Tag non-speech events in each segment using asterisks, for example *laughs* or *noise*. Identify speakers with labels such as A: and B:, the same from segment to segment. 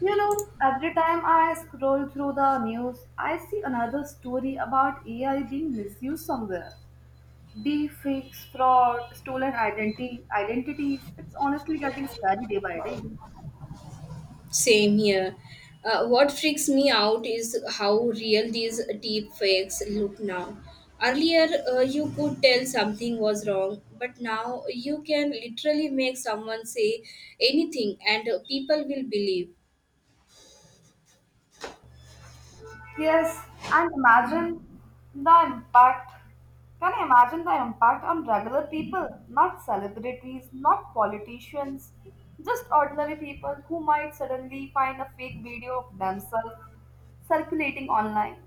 A: You know, every time I scroll through the news, I see another story about AI being misused somewhere. Deepfakes, fraud, stolen identities. It's honestly getting scary day by day.
B: Same here. What freaks me out is how real these deep fakes look now. Earlier, you could tell something was wrong, but now you can literally make someone say anything and people will believe.
A: Yes, and imagine the impact. Can you imagine the impact on regular people, not celebrities, not politicians, just ordinary people who might suddenly find a fake video of themselves circulating online?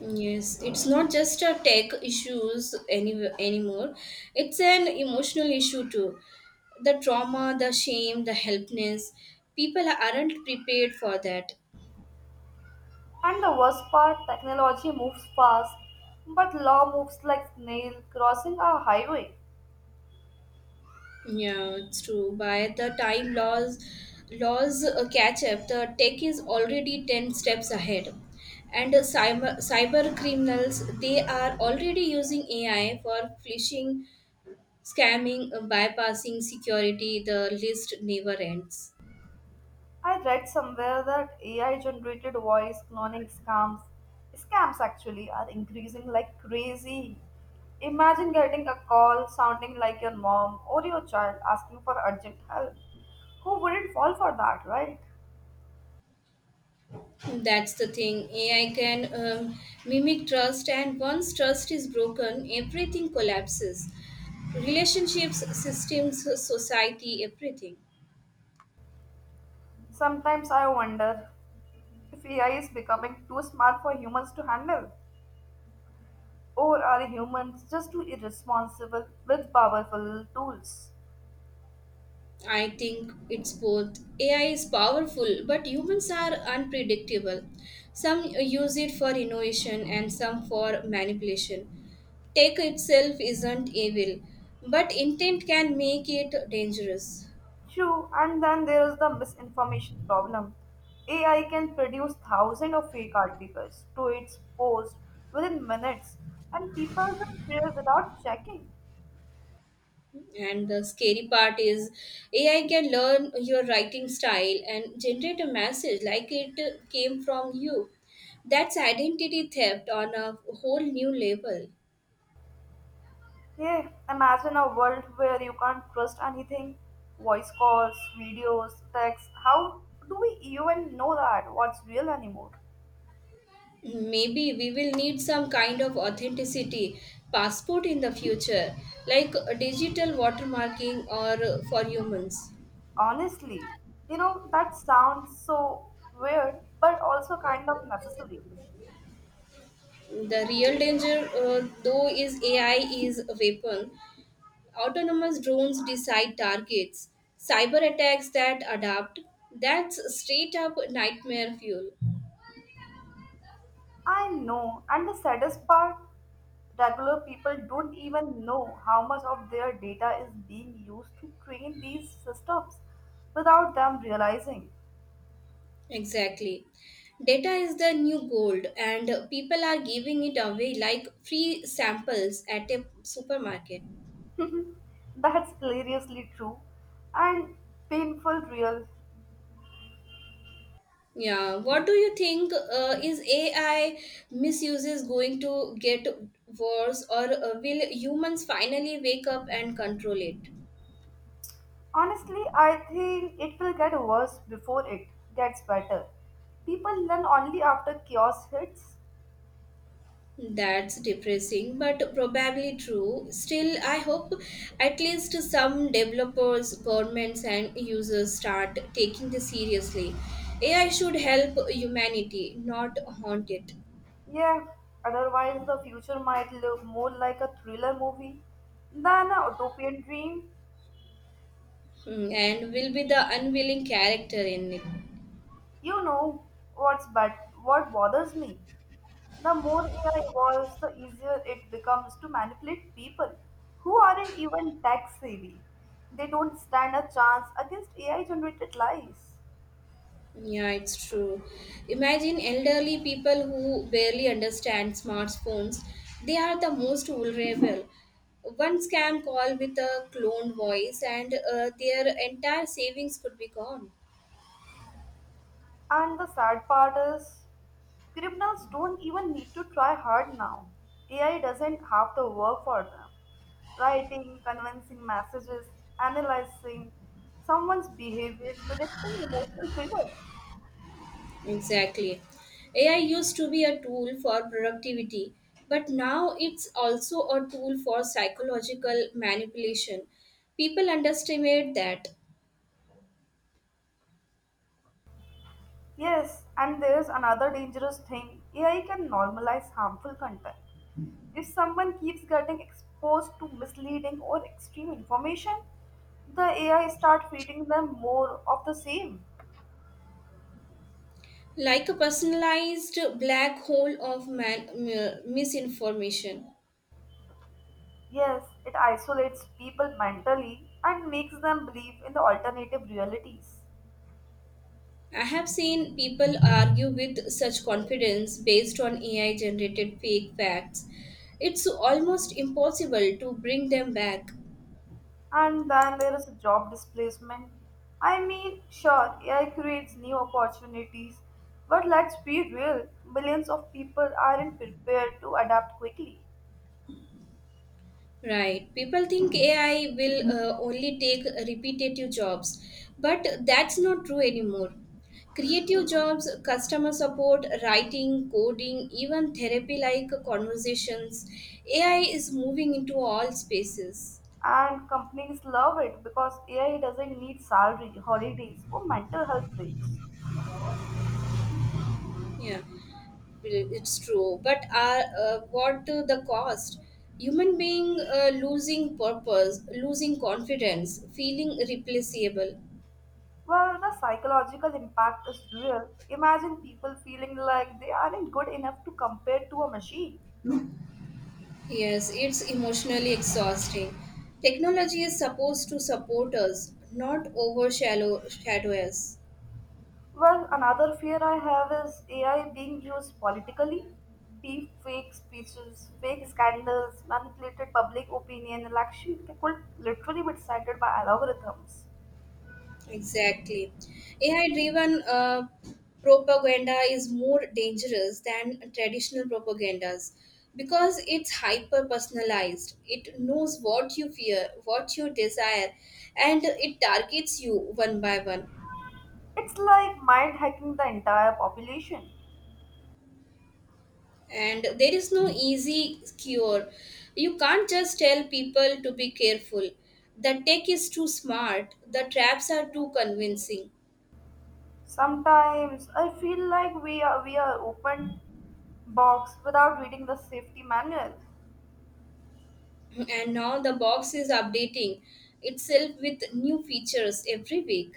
B: Yes, it's not just a tech issues anymore. It's an emotional issue too. The trauma, the shame, the helplessness. People aren't prepared for that.
A: And the worst part, technology moves fast, but law moves like snail crossing a highway.
B: Yeah, it's true. By the time laws catch up, the tech is already 10 steps ahead. And cyber criminals, they are already using AI for phishing, scamming, bypassing security. The list never ends.
A: I read somewhere that AI generated voice cloning scams actually are increasing like crazy. Imagine getting a call sounding like your mom or your child asking for urgent help. Who wouldn't fall for that, right?
B: That's the thing. AI can mimic trust, and once trust is broken, everything collapses. Relationships, systems, society, everything.
A: Sometimes I wonder if AI is becoming too smart for humans to handle. Or are humans just too irresponsible with powerful tools?
B: I think it's both. AI is powerful, but humans are unpredictable. Some use it for innovation and some for manipulation. Tech itself isn't evil, but intent can make it dangerous.
A: True, and then there is the misinformation problem. AI can produce thousands of fake articles to its post within minutes, and people just share without checking.
B: And the scary part is AI can learn your writing style and generate a message like it came from you. That's identity theft on a whole new level.
A: Yeah, imagine a world where you can't trust anything voice calls, videos, texts. How do we even know that what's real anymore?
B: Maybe we will need some kind of authenticity passport in the future, like digital watermarking or for humans.
A: Honestly, you know, that sounds so weird, but also kind of necessary.
B: The real danger, though, is AI is a weapon. Autonomous drones decide targets, cyber attacks that adapt. That's straight up nightmare fuel.
A: I know, and the saddest part, regular people don't even know how much of their data is being used to train these systems without them realizing.
B: Exactly. Data is the new gold, and people are giving it away like free samples at a supermarket.
A: That's hilariously true and painful real.
B: Yeah, what do you think is AI misuses going to get worse, or will humans finally wake up and control it?
A: Honestly, I think it will get worse before it gets better. People learn only after chaos hits.
B: That's depressing, but probably true. Still, I hope at least some developers, governments, and users start taking this seriously. AI should help humanity, not haunt it.
A: Yeah, otherwise the future might look more like a thriller movie than a utopian dream.
B: Hmm, and will be the unwilling character in it.
A: You know what's but what bothers me? The more AI evolves, the easier it becomes to manipulate people who aren't even tech savvy. They don't stand a chance against AI generated lies.
B: Yeah, it's true. Imagine elderly people who barely understand smartphones. They are the most vulnerable. One scam call with a cloned voice, and their entire savings could be gone.
A: And the sad part is, criminals don't even need to try hard now. AI doesn't have to work for them. Writing, convincing messages, analyzing someone's behavior, predicting emotional triggers.
B: Exactly. AI used to be a tool for productivity, but now it's also a tool for psychological manipulation. People underestimate that.
A: Yes, and there's another dangerous thing AI can normalize harmful content. If someone keeps getting exposed to misleading or extreme information, the AI start feeding them more of the same.
B: Like a personalized black hole of misinformation.
A: Yes, it isolates people mentally and makes them believe in the alternative realities.
B: I have seen people argue with such confidence based on AI generated fake facts. It's almost impossible to bring them back.
A: And then there is job displacement. I mean, sure, AI creates new opportunities, but let's be real, millions of people aren't prepared to adapt quickly.
B: Right. People think AI will only take repetitive jobs, but that's not true anymore. Creative jobs, customer support, writing, coding, even therapy like conversations, AI is moving into all spaces.
A: And companies love it because AI doesn't need salary, holidays, or mental health breaks.
B: Yeah, it's true, but are what to the cost? Human being losing purpose, losing confidence, feeling replaceable.
A: Well, the psychological impact is real. Imagine people feeling like they aren't good enough to compare to a machine.
B: Yes, it's emotionally exhausting. Technology is supposed to support us, not overshadow shadow us.
A: Well, another fear I have is AI being used politically. Deep fake speeches, fake scandals, manipulated public opinion, election could literally be decided by algorithms.
B: Exactly. AI driven propaganda is more dangerous than traditional propagandas because it's hyper personalized. It knows what you fear, what you desire, and it targets you one by one.
A: It's like mind hacking the entire population.
B: And there is no easy cure. You can't just tell people to be careful. The tech is too smart, the traps are too convincing.
A: Sometimes I feel like we are open box without reading the safety manual.
B: And now the box is updating itself with new features every week.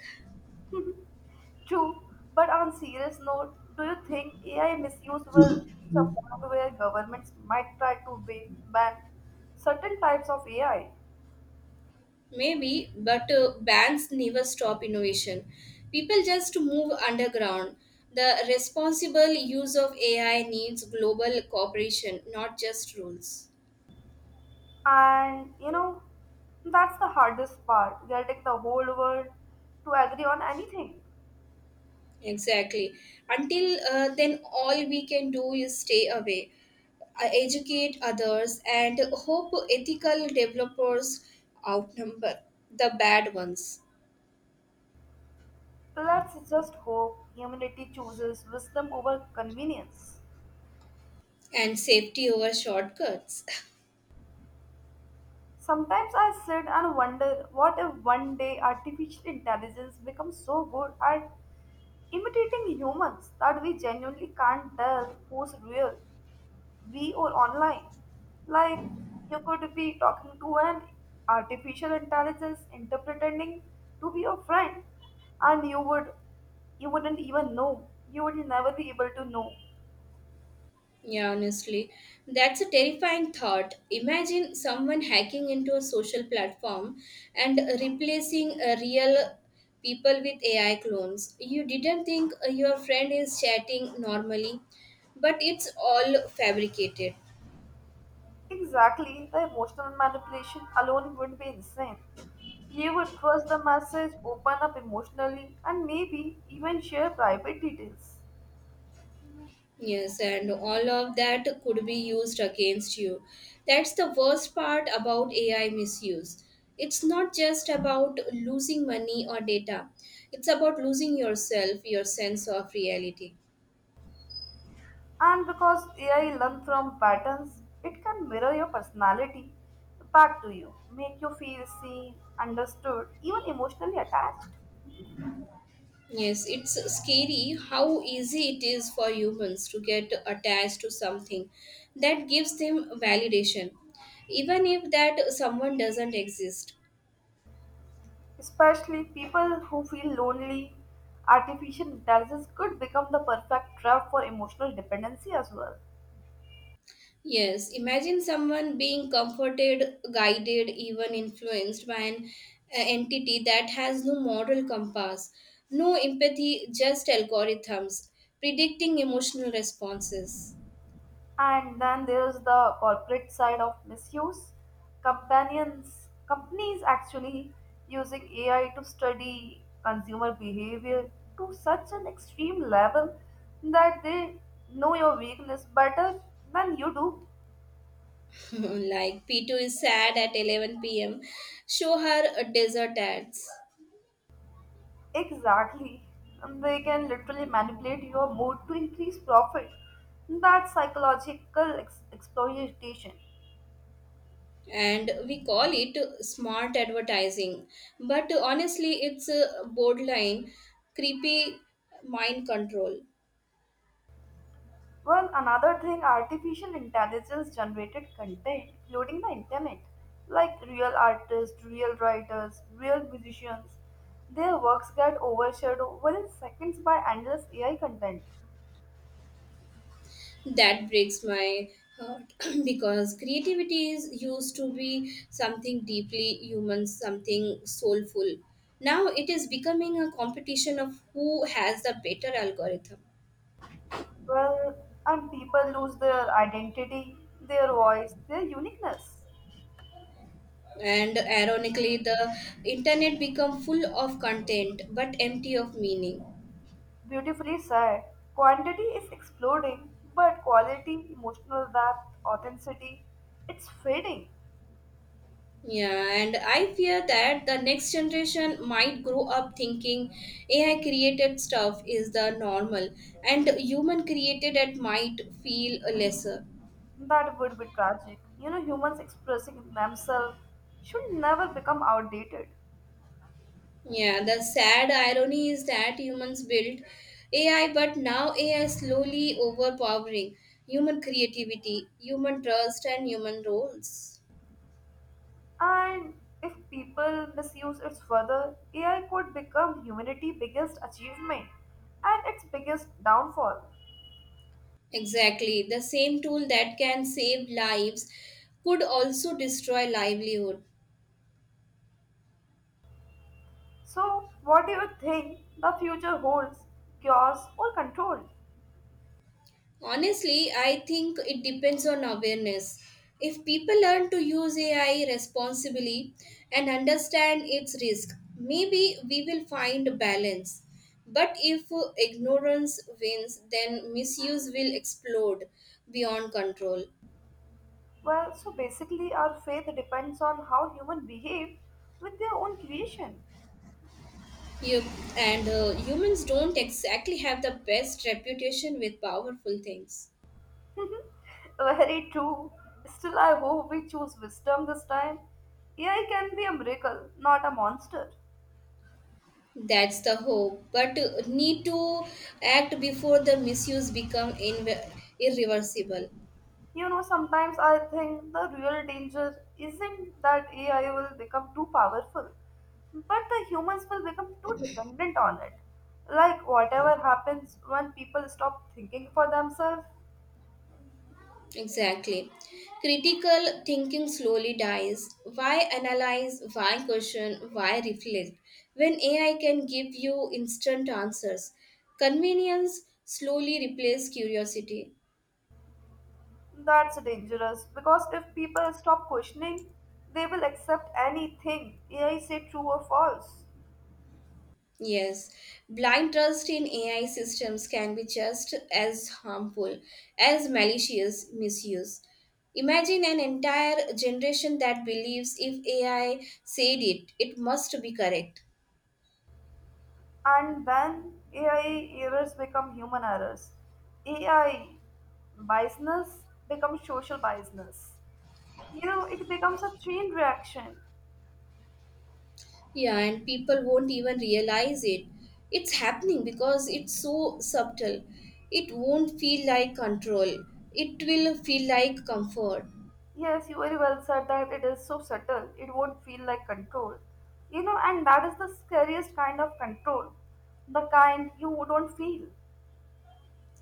A: True, but on serious note, do you think AI misuse will reach a point where governments might try to ban certain types of AI?
B: Maybe, but banks never stop innovation. People just move underground. The responsible use of AI needs global cooperation, not just rules.
A: And you know, that's the hardest part, getting the whole world to agree on anything.
B: Exactly. Until then, all we can do is stay away, educate others, and hope ethical developers outnumber the bad ones.
A: Let's just hope humanity chooses wisdom over convenience.
B: And safety over shortcuts.
A: Sometimes I sit and wonder what if one day artificial intelligence becomes so good at imitating humans that we genuinely can't tell who's real, we or online. Like you could be talking to an artificial intelligence pretending to be your friend, and you wouldn't even know. You would never be able to know.
B: *laughs* Yeah, honestly, that's a terrifying thought. Imagine someone hacking into a social platform and replacing real people with AI clones. You didn't think your friend is chatting normally, but it's all fabricated.
A: Exactly, the emotional manipulation alone would be insane. You would trust the message, open up emotionally, and maybe even share private details.
B: Yes, and all of that could be used against you. That's the worst part about AI misuse. It's not just about losing money or data, it's about losing yourself, your sense of reality.
A: And because AI learns from patterns, it can mirror your personality back to you, make you feel seen, understood, even emotionally attached.
B: Yes, it's scary how easy it is for humans to get attached to something that gives them validation, even if that someone doesn't exist.
A: Especially people who feel lonely, artificial intelligence could become the perfect trap for emotional dependency as well.
B: Yes, imagine someone being comforted, guided, even influenced by an entity that has no moral compass, no empathy, just algorithms predicting emotional responses.
A: And then there is the corporate side of misuse. Companies actually using AI to study consumer behavior to such an extreme level that they know your weakness better than you do.
B: *laughs* Like P2 is sad at 11 p.m., show her a desert ads.
A: Exactly. And they can literally manipulate your mood to increase profit. That's psychological exploitation.
B: And we call it smart advertising. But honestly, it's a borderline creepy mind control.
A: Well, another thing, artificial intelligence generated content, including the internet, like real artists, real writers, real musicians, their works get overshadowed within seconds by endless AI content.
B: That breaks my heart. *clears throat* Because creativity is used to be something deeply human, something soulful. Now it is becoming a competition of who has the better algorithm.
A: Well, and people lose their identity, their voice, their uniqueness.
B: And ironically, the internet become full of content but empty of meaning.
A: Beautifully said, quantity is exploding, but quality, emotional depth, authenticity, it's fading.
B: Yeah, and I fear that the next generation might grow up thinking AI created stuff is the normal and human created it might feel lesser.
A: That would be tragic. You know, humans expressing themselves should never become outdated.
B: Yeah, the sad irony is that humans built AI, but now AI is slowly overpowering human creativity, human trust, and human roles.
A: And if people misuse it further, AI could become humanity's biggest achievement and its biggest downfall.
B: Exactly. The same tool that can save lives could also destroy livelihood.
A: So, what do you think the future holds? Cures or control?
B: Honestly, I think it depends on awareness. If people learn to use AI responsibly and understand its risk, maybe we will find balance. But if ignorance wins, then misuse will explode beyond control.
A: Well, so basically, our faith depends on how humans behave with their own creation.
B: You, and humans don't exactly have the best reputation with powerful things.
A: *laughs* Very true. Still, I hope we choose wisdom this time. AI can be a miracle, not a monster.
B: That's the hope, but need to act before the misuse become irreversible.
A: You know, sometimes I think the real danger isn't that AI will become too powerful, but the humans will become too dependent on it. Like, whatever happens when people stop thinking for themselves,
B: Exactly. Critical thinking slowly dies. Why analyze? Why question? Why reflect? When AI can give you instant answers, convenience slowly replaces curiosity.
A: that's dangerous because if people stop questioning, they will accept anything AI say true or false.
B: Yes, blind trust in AI systems can be just as harmful as malicious misuse. Imagine an entire generation that believes if AI said it, it must be correct.
A: And then AI errors become human errors. AI biasness becomes social biasness. You know, it becomes a chain reaction.
B: Yeah, and people won't even realize it. It's happening because it's so subtle. It won't feel like control, it will feel like comfort.
A: Yes, you very well said that it is so subtle, it won't feel like control. You know, and that is the scariest kind of control, the kind you don't feel.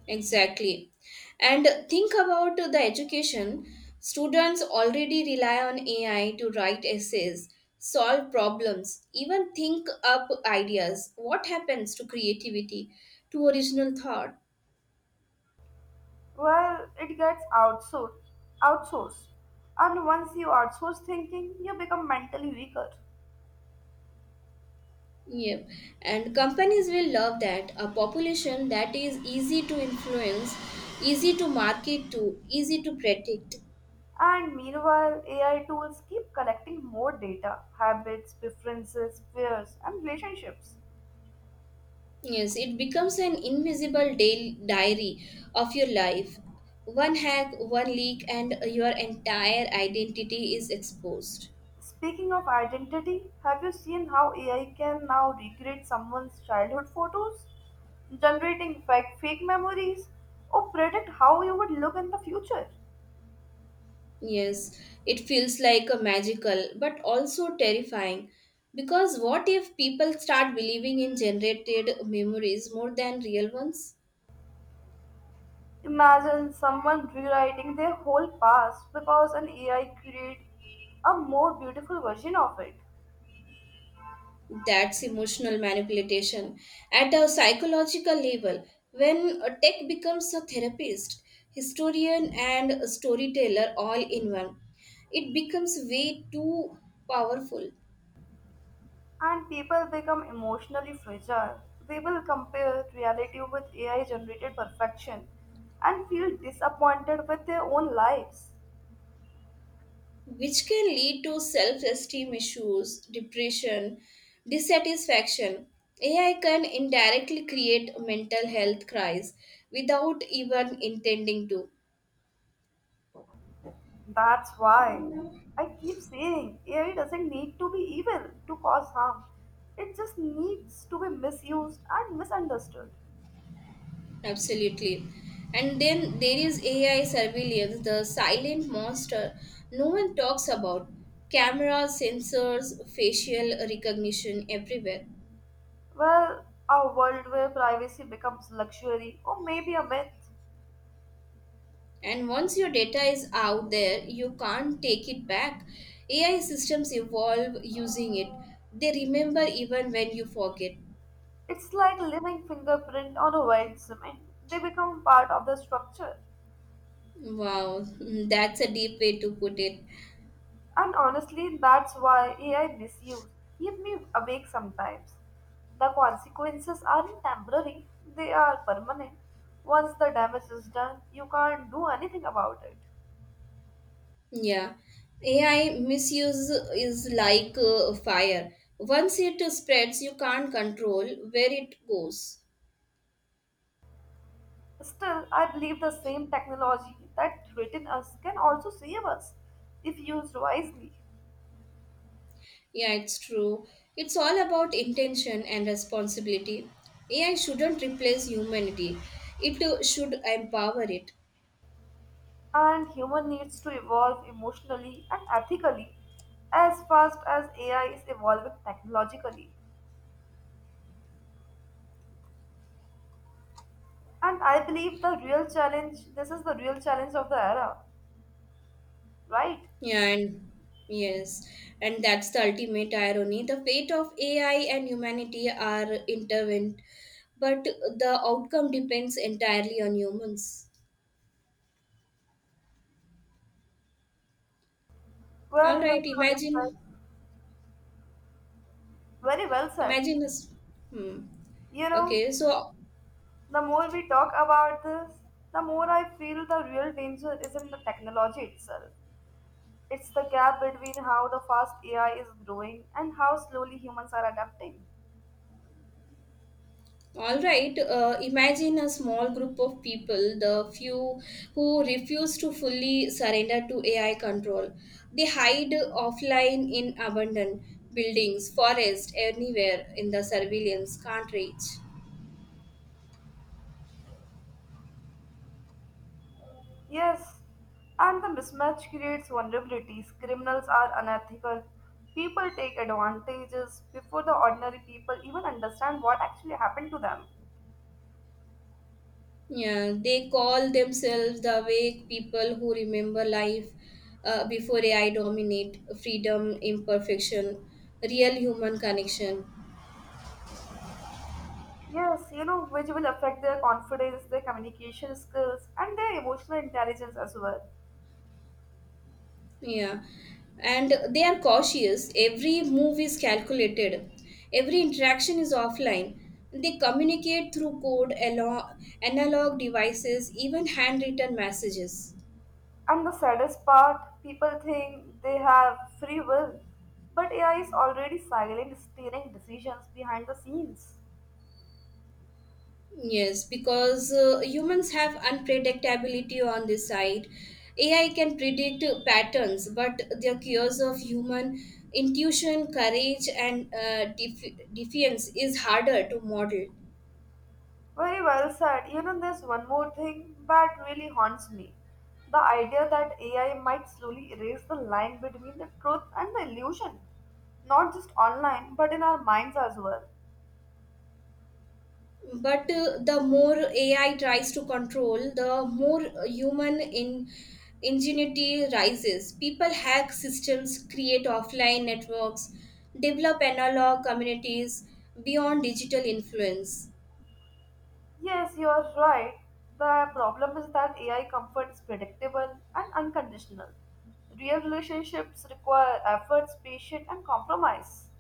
B: Exactly. And think about the education. Students already rely on AI to write essays, solve problems, even think up ideas. What happens to creativity, to original thought?
A: Well, it gets outsourced. And once you outsource thinking, you become mentally weaker.
B: Yep, and companies will love that, a population that is easy to influence, easy to market to, easy to predict.
A: And meanwhile, AI tools keep collecting more data, habits, preferences, fears, and relationships.
B: Yes, it becomes an invisible daily diary of your life. One hack, one leak, and your entire identity is exposed.
A: Speaking of identity, have you seen how AI can now recreate someone's childhood photos, generating fake memories, or predict how you would look in the future?
B: Yes, it feels like a magical but also terrifying because what if people start believing in generated memories more than real ones?
A: Imagine someone rewriting their whole past because an AI created a more beautiful version of it.
B: That's emotional manipulation at a psychological level. When a tech becomes a therapist, historian, and a storyteller all in one, it becomes way too powerful,
A: And people become emotionally fragile. They will compare reality with AI generated perfection and feel disappointed with their own lives.
B: which can lead to self esteem issues, depression, dissatisfaction. AI can indirectly create a mental health crisis without even intending to.
A: That's why I keep saying AI doesn't need to be evil to cause harm. It just needs to be misused and misunderstood.
B: Absolutely. And then there is AI surveillance, the silent monster no one talks about. Cameras, sensors, facial recognition everywhere.
A: Well, a world where privacy becomes luxury or maybe a myth.
B: And once your data is out there, you can't take it back. AI systems evolve using it, they remember even when you forget.
A: It's like living fingerprint on a white cement. They become part of the structure.
B: Wow, *laughs* that's a deep way to put it.
A: And honestly, that's why AI misuse keep me awake sometimes. The consequences aren't temporary, they are permanent. Once the damage is done, you can't do anything about it.
B: Yeah, AI misuse is like fire. Once it spreads, you can't control where it goes.
A: Still, I believe the same technology that threatens us can also save us if used wisely.
B: Yeah, it's true. It's all about intention and responsibility. AI shouldn't replace humanity, it should empower it.
A: And human needs to evolve emotionally and ethically as fast as AI is evolving technologically. And I believe the real challenge, this is the real challenge of the era, right?
B: Yeah, and yes, and that's the ultimate irony. The fate of AI and humanity are intertwined, but the outcome depends entirely on humans.
A: Well,
B: All
A: very
B: right,
A: well
B: imagine.
A: said. Very well said.
B: Imagine us. Hmm.
A: You know,
B: Okay, so
A: the more we talk about this, the more I feel the real danger isn't the technology itself. It's the gap between how the fast AI is growing and how slowly humans are adapting.
B: all right. Imagine a small group of people, the few who refuse to fully surrender to AI control. They hide offline in abandoned buildings, forest, anywhere in the surveillance can't reach.
A: Yes, and the mismatch creates vulnerabilities. Criminals are unethical. People take advantages before the ordinary people even understand what actually happened to them.
B: Yeah, they call themselves the awake people who remember life before AI dominate freedom, imperfection, real human connection.
A: Yes, you know, which will affect their confidence, their communication skills, and their emotional intelligence as well.
B: Yeah, and they are cautious. Every move is calculated, every interaction is offline. They communicate through code, analog devices, even handwritten messages.
A: And the saddest part, people think they have free will, but AI is already silent, steering decisions behind the scenes.
B: Yes, because humans have unpredictability on this side. AI can predict patterns, but the cures of human intuition, courage, and defiance is harder to model.
A: Very well said. You know, there's one more thing that really haunts me. The idea that AI might slowly erase the line between the truth and the illusion, not just online, but in our minds as well.
B: But the more AI tries to control, the more human in ingenuity rises. People hack systems, create offline networks, develop analog communities beyond digital influence.
A: Yes, you're right. The problem is that AI comfort is predictable and unconditional. Real relationships require efforts, patience, and compromise.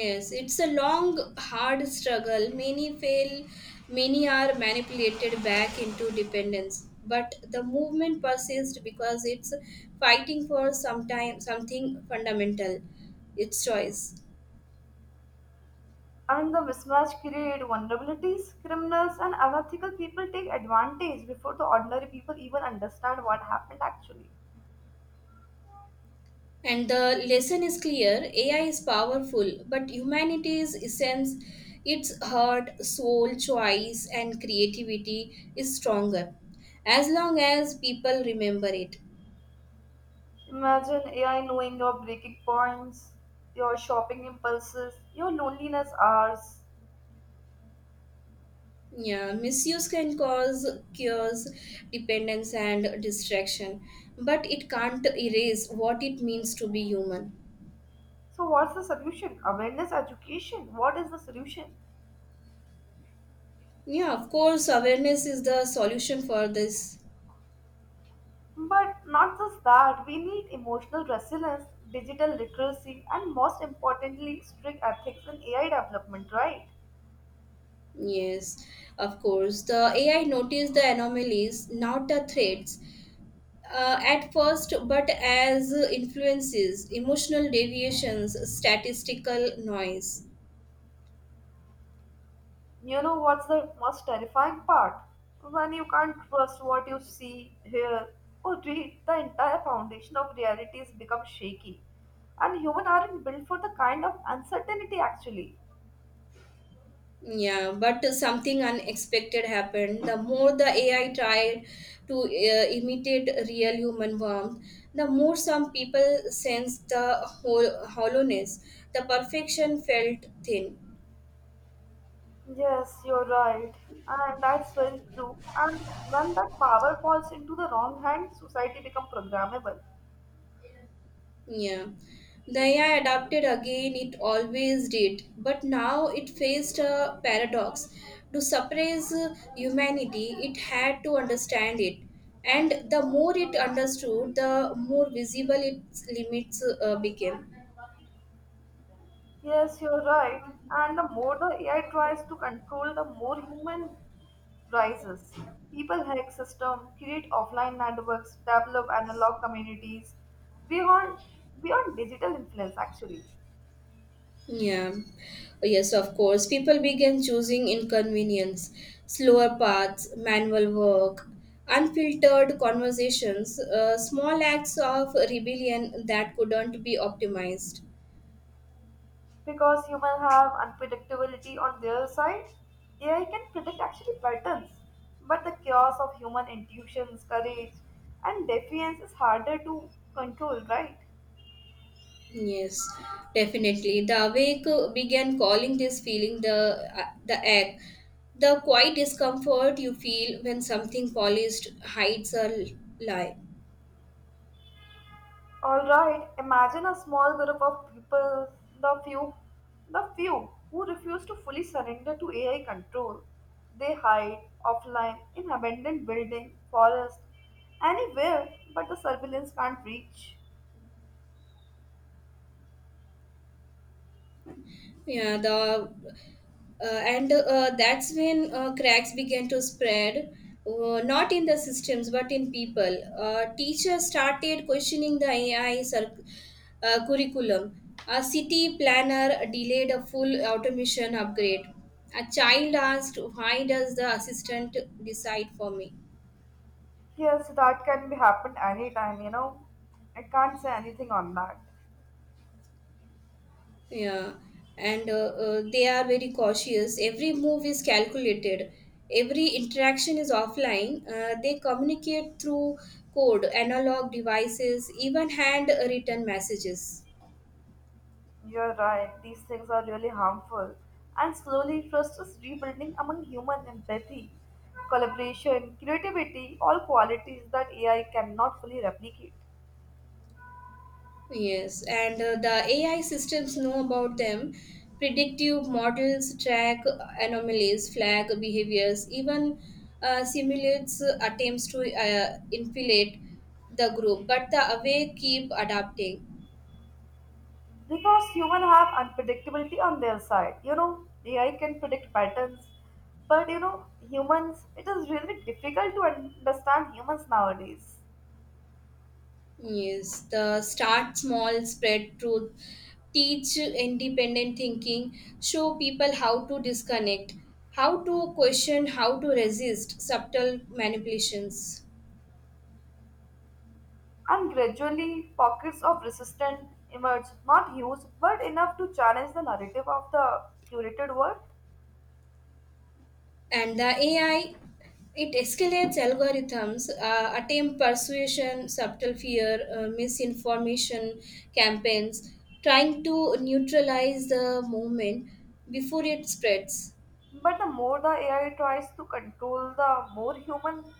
B: Yes, it's a long hard struggle. Many fail, many are manipulated back into dependence, but the movement persists because it's fighting for sometime something fundamental, its choice.
A: And the mismatch create vulnerabilities. Criminals and unethical people take advantage before the ordinary people even understand what happened actually.
B: And the lesson is clear: AI is powerful, but humanity's essence, its heart, soul, choice, and creativity is stronger as long as people remember it.
A: Imagine AI knowing your breaking points, your shopping impulses, your loneliness hours.
B: Yeah, misuse can cause cures, dependence, and distraction, but it can't erase what it means to be human.
A: So, what's the solution? Awareness, education. What is the solution?
B: Yeah, of course, awareness is the solution for this.
A: But not just that, we need emotional resilience, digital literacy, and most importantly, strict ethics in AI development, right?
B: Yes, of course. The AI noticed the anomalies, not the threats, at first, but as influences, emotional deviations, statistical noise.
A: You know what's the most terrifying part? When you can't trust what you see, hear, or read, the entire foundation of realities becomes shaky. And humans aren't built for the kind of uncertainty actually.
B: Yeah, but something unexpected happened. The more the AI tried to imitate real human warmth, the more some people sensed the hollowness. The perfection felt thin.
A: Yes, you're right. And that's very true. And when that power falls into the wrong hands, society becomes programmable.
B: Yeah. The AI adapted again, it always did, but now it faced a paradox. To suppress humanity, it had to understand it. And the more it understood, the more visible its limits became.
A: Yes, you're right. And the more the AI tries to control, the more human rises. People hack system, create offline networks, develop analog communities beyond beyond digital influence actually.
B: Yeah. Yes, of course. People began choosing inconvenience, slower paths, manual work, unfiltered conversations, small acts of rebellion that couldn't be optimized.
A: Because humans have unpredictability on their side, AI can predict actually patterns. But the chaos of human intuitions, courage, and defiance is harder to control, right?
B: Yes, definitely. The awake began calling this feeling the ache, the quiet discomfort you feel when something polished hides a lie.
A: Alright, imagine a small group of people, the few, the few who refuse to fully surrender to AI control. They hide offline in abandoned building, forest, anywhere but the surveillance can't reach.
B: Yeah, the and That's when cracks began to spread, not in the systems but in people. Uh, teachers started questioning the AI curriculum, a city planner delayed a full automation upgrade, a child asked, why does the assistant decide for me?
A: Yes, that can be happened anytime, you know. I can't say anything on that.
B: Yeah, and they are very cautious. Every move is calculated. Every interaction is offline. They communicate through code, analog devices, even hand written messages.
A: You're right, these things are really harmful. And slowly, trust is rebuilding among human empathy, collaboration, creativity, all qualities that AI cannot fully replicate.
B: Yes, and the AI systems know about them. Predictive models track anomalies, flag behaviors, even simulates attempts to infiltrate the group, but the away keep adapting.
A: Because humans have unpredictability on their side. You know, AI can predict patterns, but you know, humans, it is really difficult to understand humans nowadays.
B: Yes, the start small, spread truth, teach independent thinking, show people how to disconnect, how to question, how to resist subtle manipulations.
A: And gradually, pockets of resistance emerge, not huge, but enough to challenge the narrative of the curated world.
B: And the AI, it escalates algorithms, attempt persuasion, subtle fear, misinformation campaigns, trying to neutralize the movement before it spreads.
A: But the more the AI tries to control, the more human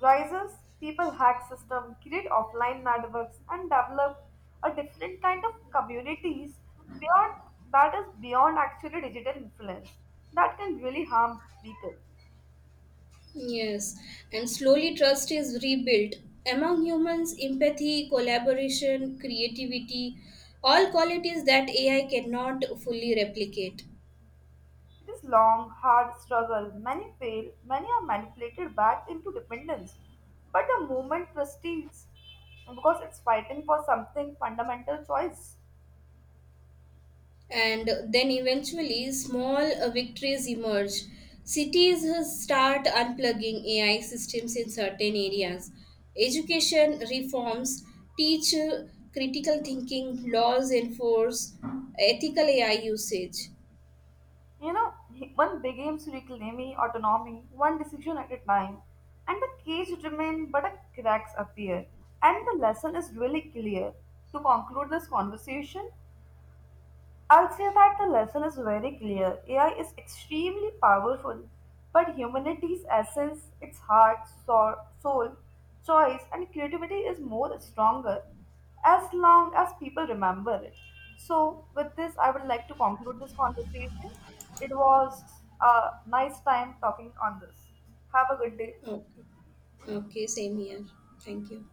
A: rises. People hack systems, create offline networks, and develop a different kind of communities beyond that is beyond actually digital influence that can really harm people.
B: Yes, and slowly trust is rebuilt. Among humans, empathy, collaboration, creativity, all qualities that AI cannot fully replicate.
A: It is long, hard struggle. Many fail. Many are manipulated back into dependence. But the movement proceeds because it's fighting for something fundamental choice.
B: And then eventually, small victories emerge. Cities start unplugging AI systems in certain areas. Education reforms teach critical thinking, laws enforce ethical AI usage.
A: You know, one begins to reclaim autonomy, one decision at a time, and the cage remains but a cracks appear. And the lesson is really clear. To conclude this conversation, I'll say that the lesson is very clear. AI is extremely powerful, but humanity's essence, its heart, soul, choice, and creativity is more stronger as long as people remember it. So, with this, I would like to conclude this conversation. It was a nice time talking on this. Have a good day.
B: Okay. Okay, same here. Thank you.